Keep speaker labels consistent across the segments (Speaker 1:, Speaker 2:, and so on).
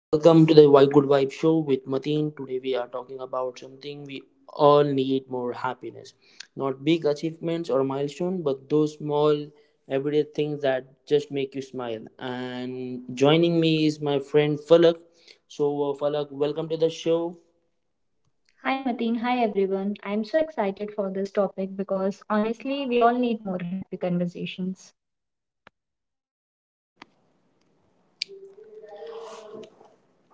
Speaker 1: Welcome to the Why Good Vibe Show with Mateen. Today we are talking about something we all need more happiness. Not big achievements or milestones, but those small everyday things that just make you smile. And joining me is my friend Falak. So, Falak, welcome to the show.
Speaker 2: Hi
Speaker 1: Hi.
Speaker 2: Mateen, hi everyone. I'm so excited for this topic because honestly, we all need more happy conversations.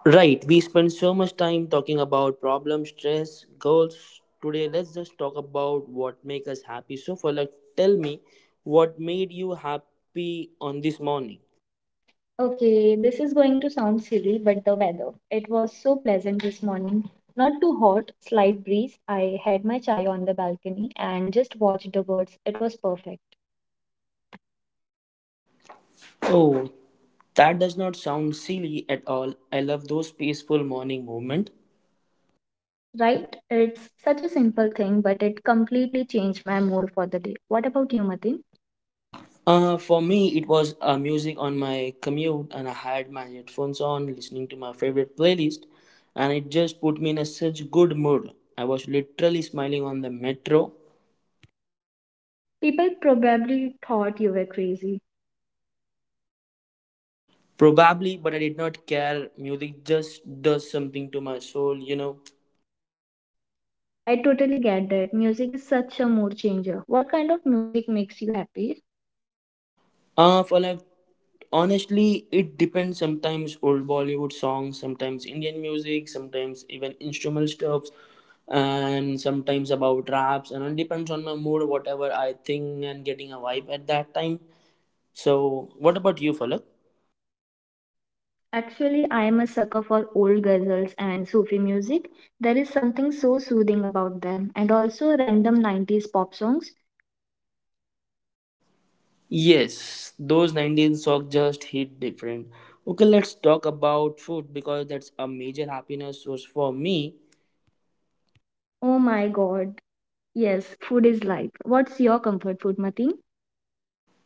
Speaker 1: Right, we spend so much time talking about problems, stress, goals. Today, let's just talk about what makes us happy. So, Falak, tell me what made you happy on this morning.
Speaker 2: Okay, this is going to sound silly, but the weather. It was so pleasant this morning. Not too hot, slight breeze. I had my chai on the balcony and just watched the birds. It was perfect.
Speaker 1: Oh, that does not sound silly at all. I love those peaceful morning movement.
Speaker 2: Right? It's such a simple thing, but it completely changed my mood for the day. What about you, Mateen?
Speaker 1: For me, it was music on my commute, and I had my headphones on, listening to my favorite playlist, and it just put me in a such good mood. I was literally smiling on the metro,
Speaker 2: People probably thought you were crazy.
Speaker 1: probably, but I did not care. Music just does something to my soul, you know.
Speaker 2: I totally get that. Music is such a mood changer. What kind of music makes you happy?
Speaker 1: For like Honestly, it depends. Sometimes old Bollywood songs, sometimes Indian music, sometimes even instrumental stuffs, and sometimes about raps. And it depends on my mood, whatever I think and getting a vibe at that time. So, what about you, Falak?
Speaker 2: Actually, I am a sucker for old ghazals and Sufi music. There is something so soothing about them, and also random 90s pop songs.
Speaker 1: Yes, those 19 songs just hit different. Okay, let's talk about food because that's a major happiness source for me.
Speaker 2: Oh my god. Yes, food is life. What's your comfort food, Mati?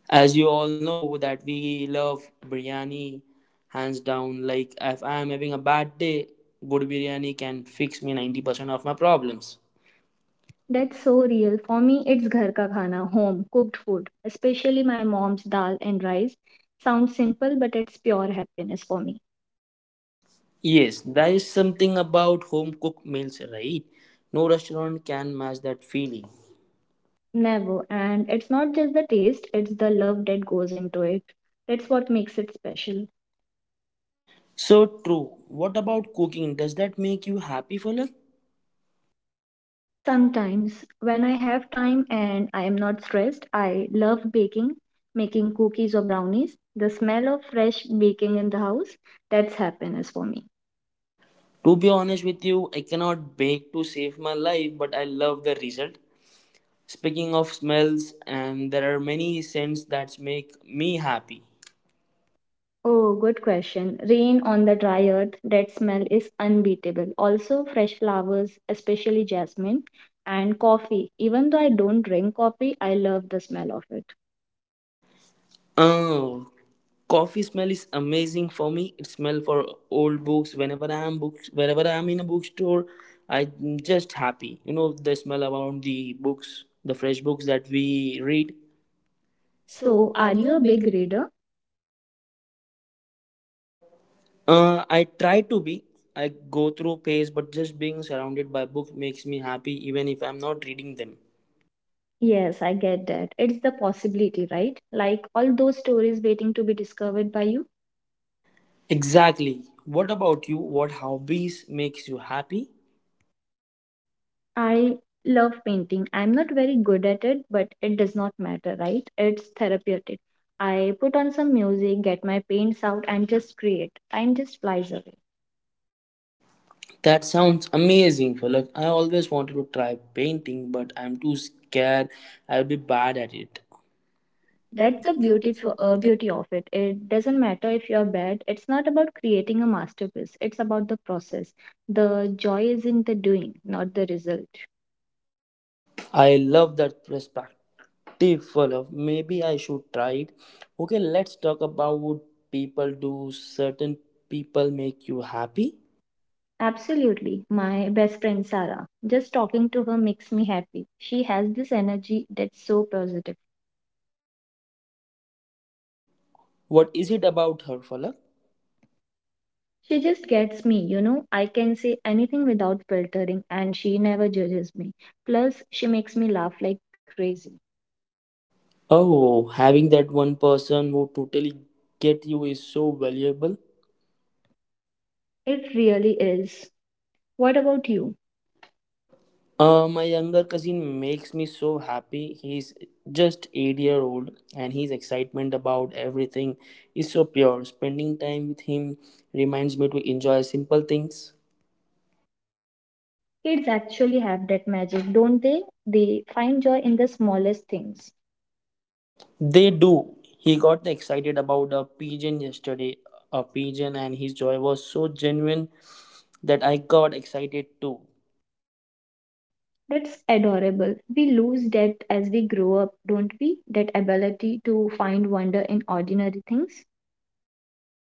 Speaker 1: As you all know that we love biryani hands down. Like if I am having a bad day, good biryani can fix me 90% of my problems. That-
Speaker 2: That's so real. For me, it's ghar ka khana, home cooked food, especially my mom's dal and rice. Sounds simple, but it's pure happiness for me.
Speaker 1: Yes, that is something about home cooked meals, right? No restaurant can match that feeling.
Speaker 2: Never. And it's not just the taste, it's the love that goes into it. That's what makes it special.
Speaker 1: So true. What about cooking? Does that make you happy, Falak?
Speaker 2: Sometimes, when I have time and I am not stressed, I love baking, making cookies or brownies. The smell of fresh baking in the house, that's happiness for me.
Speaker 1: To be honest with you, I cannot bake to save my life, but I love the result. Speaking of smells, and there are many scents that make me happy.
Speaker 2: Oh, good question. Rain on the dry earth, that smell is unbeatable. Also, fresh flowers, especially jasmine, and coffee. Even though I don't drink coffee, I love the smell of it.
Speaker 1: Oh, coffee smell is amazing for me. It smell for old books. Whenever I am books, wherever I am in a bookstore, I'm just happy. You know the smell around the books, the fresh books that we read. So,
Speaker 2: So,
Speaker 1: are
Speaker 2: are
Speaker 1: you
Speaker 2: you
Speaker 1: a
Speaker 2: a big
Speaker 1: big
Speaker 2: reader?
Speaker 1: I try to be. I go through pace, but just being surrounded by books makes me happy, even if I'm not reading them.
Speaker 2: Yes, I get that. It's the possibility, right? Like all those stories waiting to be discovered by you.
Speaker 1: Exactly. What about you? What hobbies makes you happy?
Speaker 2: I love painting. I'm not very good at it, but it does not matter, right? It's therapeutic. I put on some music, get my paints out, and just create. Time just flies away.
Speaker 1: That sounds amazing, Falak. I always wanted to try painting, but I'm too scared I'll be bad at it.
Speaker 2: That's
Speaker 1: That's the
Speaker 2: the beauty,
Speaker 1: beautiful uh,
Speaker 2: beauty of it. It doesn't matter if you're bad. It's not about creating a masterpiece. It's about the process. The joy is in the doing, not the result.
Speaker 1: I love that perspective, Falak. Maybe I should try it. Okay, let's talk about what people do certain people make you happy?
Speaker 2: Absolutely. My best friend Sarah. Just talking to her makes me happy. She has this energy that's so positive.
Speaker 1: What is it about her, Falak?
Speaker 2: She just gets me, you know. I can say anything without filtering, and she never judges me. Plus, she makes me laugh like crazy.
Speaker 1: Oh, having that one person who totally get you is so valuable.
Speaker 2: It really is. What about you?
Speaker 1: My younger cousin makes me so happy. He's just 8 year old, and his excitement about everything is so pure. Spending time with him reminds me to enjoy simple things.
Speaker 2: Kids actually have that magic, don't they? They find joy in the smallest things.
Speaker 1: They do. He got excited about a pigeon yesterday, a pigeon, and his joy was so genuine that I got excited too.
Speaker 2: That's adorable. We lose that as we grow up, don't we? That ability to find wonder in ordinary things.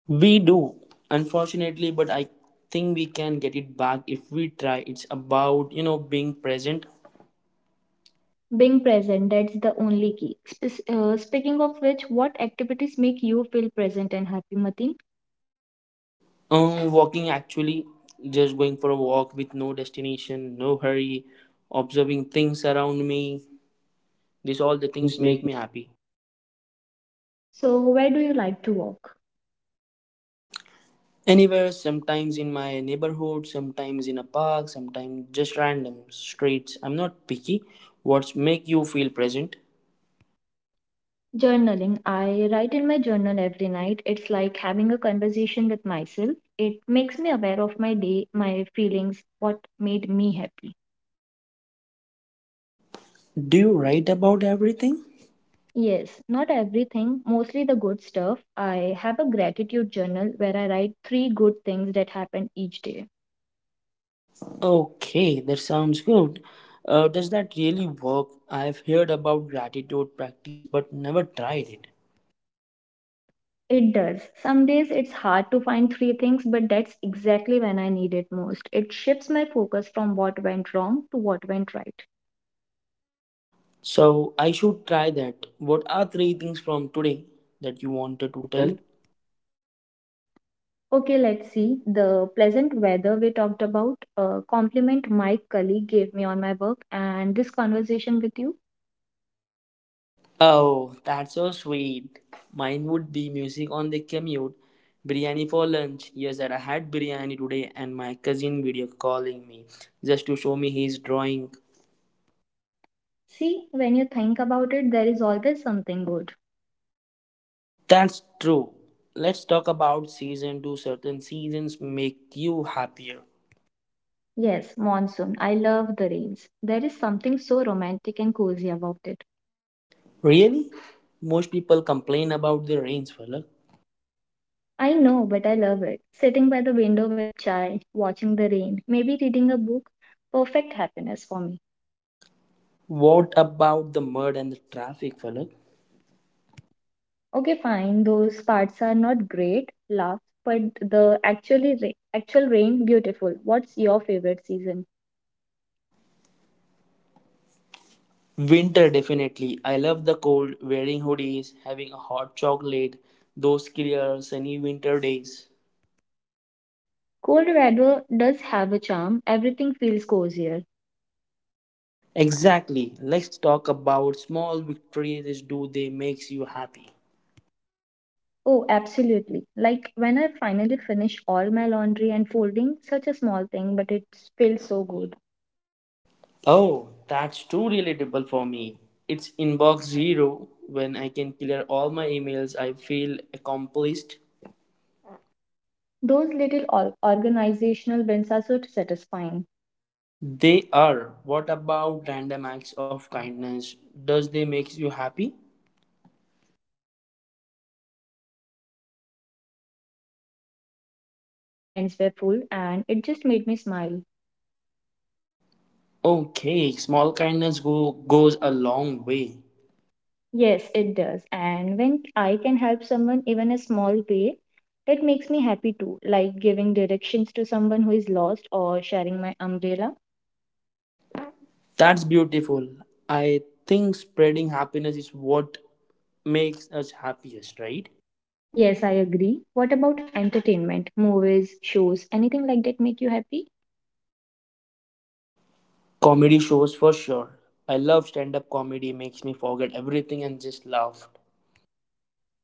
Speaker 1: We do, unfortunately, but I think we can get it back if we try. It's about you know being present
Speaker 2: Being present, that's the only key. Speaking of which, what activities make you feel present and happy, Mateen?
Speaker 1: Walking actually, just going for a walk with no destination, no hurry, observing things around me. These
Speaker 2: Is
Speaker 1: all
Speaker 2: all
Speaker 1: the
Speaker 2: the
Speaker 1: things
Speaker 2: things make.
Speaker 1: make me happy.
Speaker 2: So, where do you like to walk?
Speaker 1: Anywhere, sometimes in my neighborhood, sometimes in a park, sometimes just random streets. I'm not picky. What's make you feel present?
Speaker 2: Journaling. I write in my journal every night. It's like having a conversation with myself. It makes me aware of my day, my feelings, what made me happy.
Speaker 1: Do you write about everything?
Speaker 2: Yes, not everything, mostly the good stuff. I have a gratitude journal where I write three good things that happened each day.
Speaker 1: Okay, that sounds good. Does that really work? I've heard about gratitude practice but never tried it.
Speaker 2: It does. Some days it's hard to find three things, but that's exactly when I need it most. It shifts my focus from what went wrong to what went right.
Speaker 1: So I should try that. What are three things from today that you wanted
Speaker 2: Wanted
Speaker 1: to
Speaker 2: to
Speaker 1: tell?
Speaker 2: tell? Okay, let's see. The pleasant weather we talked about, a compliment my colleague gave me on my work, and this conversation with you.
Speaker 1: Oh, that's so sweet. Mine would be music on the commute, biryani for lunch. Yes, that I had biryani today, and my cousin video calling me just to show me his drawing.
Speaker 2: See, when you think about it, there is always something good.
Speaker 1: That's true. Let's talk about season two. Certain seasons make you happier.
Speaker 2: Yes, monsoon. I love the rains. There is something so romantic and cozy about it.
Speaker 1: Really? Most people complain about the rains, fella.
Speaker 2: I know, but I love it. Sitting by the window with chai, watching the rain, maybe reading a book, perfect happiness for me.
Speaker 1: What about the mud and the traffic, fella?
Speaker 2: Okay, fine, those parts are not great, laughs, but the actually actual rain beautiful. What's your favorite season?
Speaker 1: Winter, definitely. I love the cold, wearing hoodies, having a hot chocolate, those clear, sunny winter days.
Speaker 2: Cold weather does have a charm. Everything feels cozier.
Speaker 1: Exactly. Let's talk about small victories. Do they makes you happy?
Speaker 2: Oh, absolutely. Like when I finally finish all my laundry and folding, such a small thing, but it feels so good.
Speaker 1: Oh, that's too relatable for me. It's inbox zero. When I can clear all my emails, I feel accomplished.
Speaker 2: Those little organizational wins are so satisfying.
Speaker 1: They are. What about random acts of kindness? Does they makes you happy?
Speaker 2: Yes, both giving and receiving. Last week, someone held the door for me when my hands were full, and it just made me smile.
Speaker 1: Okay, small kindness goes a long way.
Speaker 2: Yes, it does. And when I can help someone, even a small way, that makes me happy too, like giving directions to someone who is lost or sharing my umbrella.
Speaker 1: That's beautiful. I think spreading happiness is what makes us happiest, right?
Speaker 2: Yes, I agree. What about entertainment? Movies, shows, anything like that make you happy?
Speaker 1: Comedy shows for sure. I love stand up comedy, makes me forget everything and just laugh.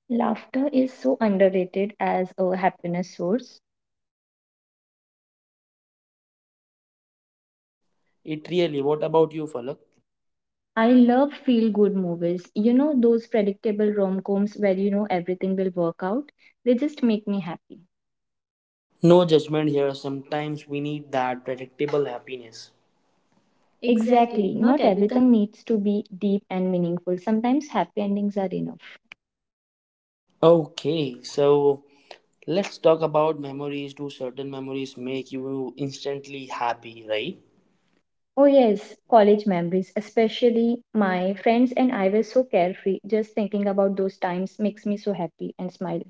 Speaker 2: Laughter is so underrated as a happiness source.
Speaker 1: It really, what about you, Falak?
Speaker 2: I love feel good movies. You know, those predictable rom coms where you know everything will work out. They just make me happy.
Speaker 1: No judgment here. Sometimes we need that predictable happiness. Exactly,
Speaker 2: Exactly.
Speaker 1: not
Speaker 2: Not
Speaker 1: everything.
Speaker 2: everything needs to be deep and meaningful. Sometimes happy endings are enough.
Speaker 1: Okay, so let's talk about memories. Do certain memories make you instantly happy, right?
Speaker 2: Oh, yes, college memories, especially my friends and I were so carefree. Just thinking about those times makes me so happy and smile.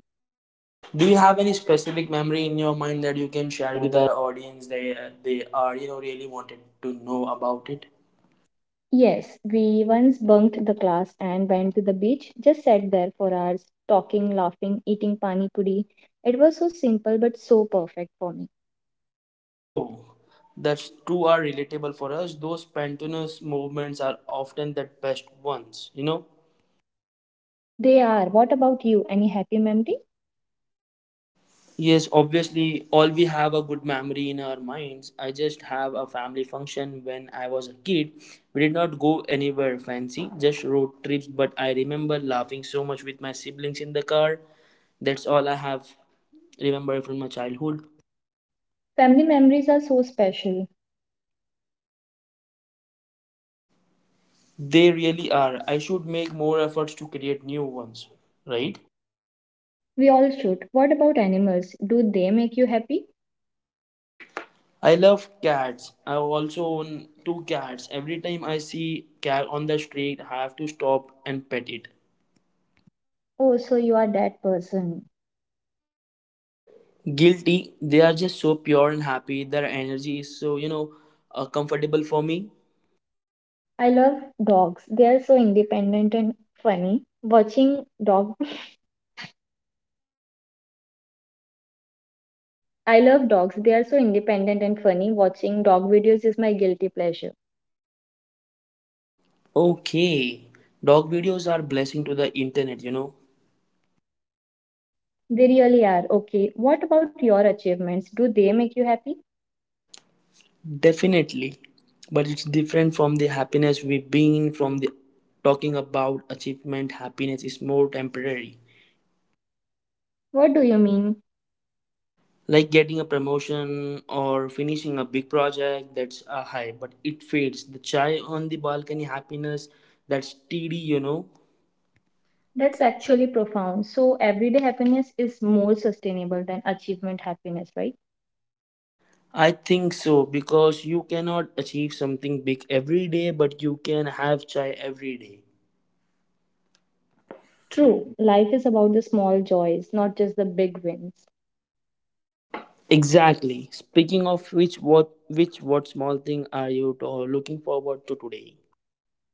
Speaker 1: Do you have any specific memory in your mind that you
Speaker 2: You
Speaker 1: can
Speaker 2: can
Speaker 1: share
Speaker 2: share
Speaker 1: with
Speaker 2: with us.
Speaker 1: our audience? They are you know really wanted to know about it.
Speaker 2: Yes, we once bunked the class and went to the beach, just sat there for hours, talking, laughing, eating pani puri. It was so simple but so perfect for me.
Speaker 1: Oh, that's two are relatable for us. Those pantanous movements are often the best ones. You know.
Speaker 2: They are. What about you? Any happy memory?
Speaker 1: Yes, obviously, all we have a good memory in our minds. I just have a family function when I was a kid. We did not go anywhere fancy, just road trips, but I remember laughing so much with my siblings in the car. That's all I have remembered from my childhood.
Speaker 2: Family memories are so special.
Speaker 1: They really are. I should make more efforts to create new ones, right?
Speaker 2: We all should. What about animals? Do they make you happy?
Speaker 1: I love cats. I also own two cats. Every time I see cat on the street, I have to stop and pet it.
Speaker 2: Oh, so you are that person.
Speaker 1: Guilty. They are just so pure and happy. Their energy is so, you know, comfortable for me.
Speaker 2: I love dogs. They are so independent and funny. Watching dog I love dogs. They are so independent and funny. Watching dog videos is my guilty pleasure.
Speaker 1: Okay. Dog videos are blessing to the internet, you know.
Speaker 2: They really are. Okay, what about your achievements? Do they make you happy?
Speaker 1: Definitely. But it's different from the happiness we've been from the talking about achievement. Happiness is more temporary.
Speaker 2: What do you mean?
Speaker 1: Like getting a promotion or finishing a big project, that's a high but it fades. The chai on the balcony happiness, that's teedy, you know. That's
Speaker 2: That's
Speaker 1: actually
Speaker 2: actually profound. So, everyday happiness is more sustainable than achievement happiness, right?
Speaker 1: I think so, because you cannot achieve something big every day but you can have chai every day. True.
Speaker 2: True. Life is about the small joys, not just the big wins.
Speaker 1: Exactly, speaking of which, what small thing are you looking forward to today?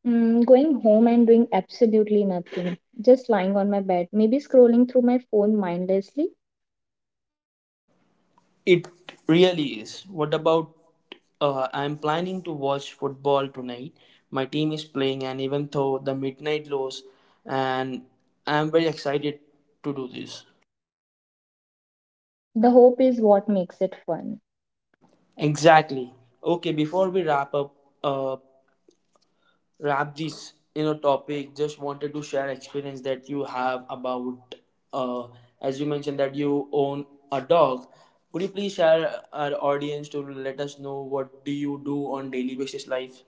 Speaker 2: Mm, going home and doing absolutely nothing, just lying on my bed, maybe scrolling through my phone mindlessly.
Speaker 1: It really is. What about? I'm planning to watch football tonight. My team is playing, and even though the midnight lows, and I'm very excited to do this.
Speaker 2: The hope is what makes it fun.
Speaker 1: Exactly. Okay, before we wrap up, uh, wrap this you know topic. Just wanted to share experience that you have about, uh, as you mentioned that you own a dog. Could you please share our audience to let us know what do you do on daily basis life?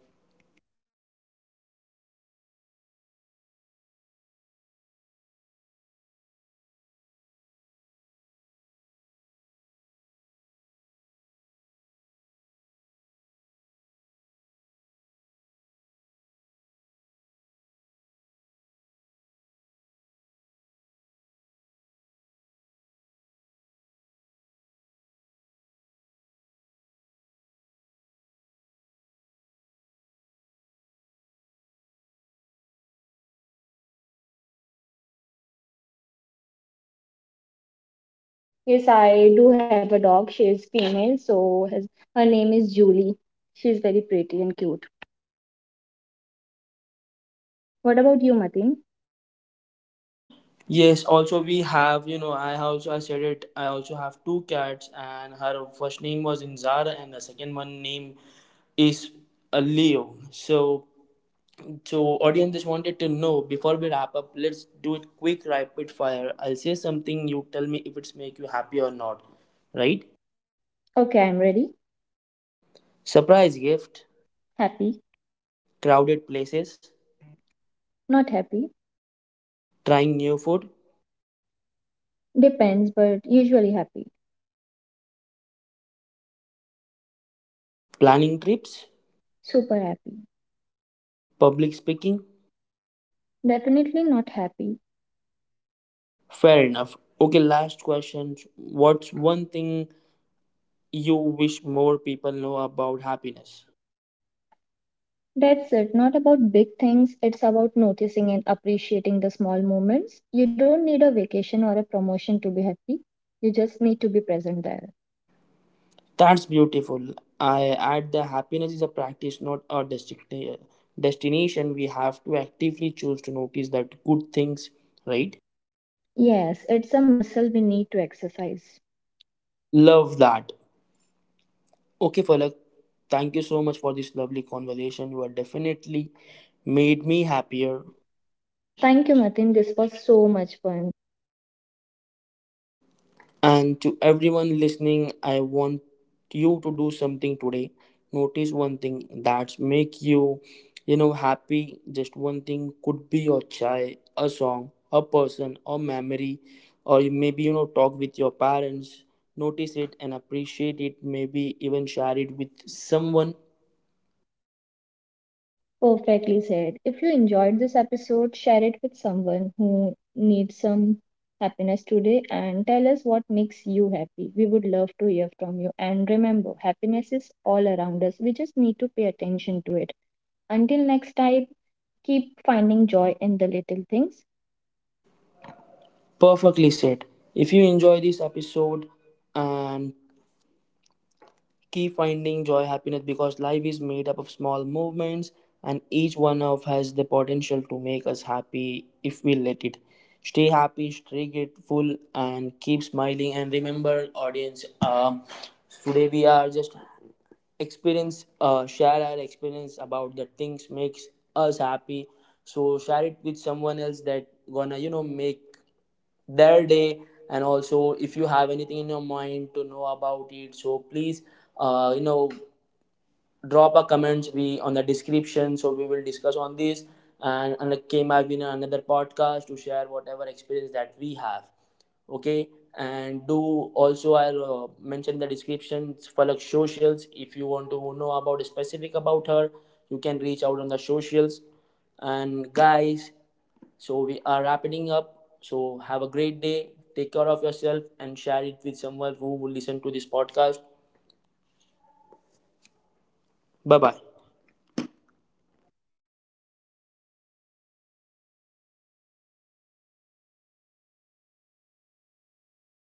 Speaker 2: Yes, I do have a dog. She is female, so his, her name is Julie. She is very pretty and cute. What about you, Mateen?
Speaker 1: Yes, also we have, you know, I also I said it, I also have two cats and her first name was Inzara and the second one name is Leo. So audience just wanted to know before we wrap up, let's do it quick rapid fire. I'll say something, you tell me if it's make you happy or not. Right?
Speaker 2: Okay, I'm ready.
Speaker 1: Surprise gift,
Speaker 2: Happy,
Speaker 1: crowded places,
Speaker 2: not happy.
Speaker 1: trying new food,
Speaker 2: Depends, but usually happy.
Speaker 1: planning trips,
Speaker 2: Super happy.
Speaker 1: public speaking.
Speaker 2: Definitely not happy.
Speaker 1: Fair enough. Okay, last question. What's one thing you wish more people know about happiness.
Speaker 2: That's it. Not about big things. It's about noticing and appreciating the small moments. You don't need a vacation or a promotion to be happy. You just need to be present there.
Speaker 1: That's beautiful. I add the happiness is a practice, not a destination. We have to actively choose to notice that good things, right?
Speaker 2: Yes, it's a muscle we need to exercise.
Speaker 1: Love that. Okay, Falak, thank you so much for this lovely conversation. You have definitely made me happier.
Speaker 2: Thank you, Matin. This was so much fun.
Speaker 1: And to everyone listening, I want you to do something today. Notice one thing that's make you, you know, happy. Just one thing, could be your chai, a song, a person, a memory, or you maybe you know talk with your parents. Notice it and appreciate it. Maybe even share it with someone.
Speaker 2: Perfectly said. If you enjoyed this episode, share it with someone who needs some happiness today and tell us what makes you happy. We would love to hear from you. And remember, happiness is all around us. We just need to pay attention to it. Until next time, keep finding joy in the little things.
Speaker 1: Perfectly said. If you enjoy this episode and keep finding joy, happiness, because life is made up of small movements and each one of has the potential to make us happy if we let it. Stay happy, stay grateful and keep smiling. And remember audience, today we are just experience share our experience about the things makes us happy, so share it with someone else that gonna you know make their day. And also if you have anything in your mind to know about it, so please you know drop a comment we on the description, so we will discuss on this. And like came I've been another podcast to share whatever experience that we have. Okay, and do also I'll mention the descriptions for like socials, if you want to know about specific about her you can reach out on the socials. And guys, so we are wrapping up, so have a great day, take care of yourself and share it with someone who will listen to this podcast. Bye bye.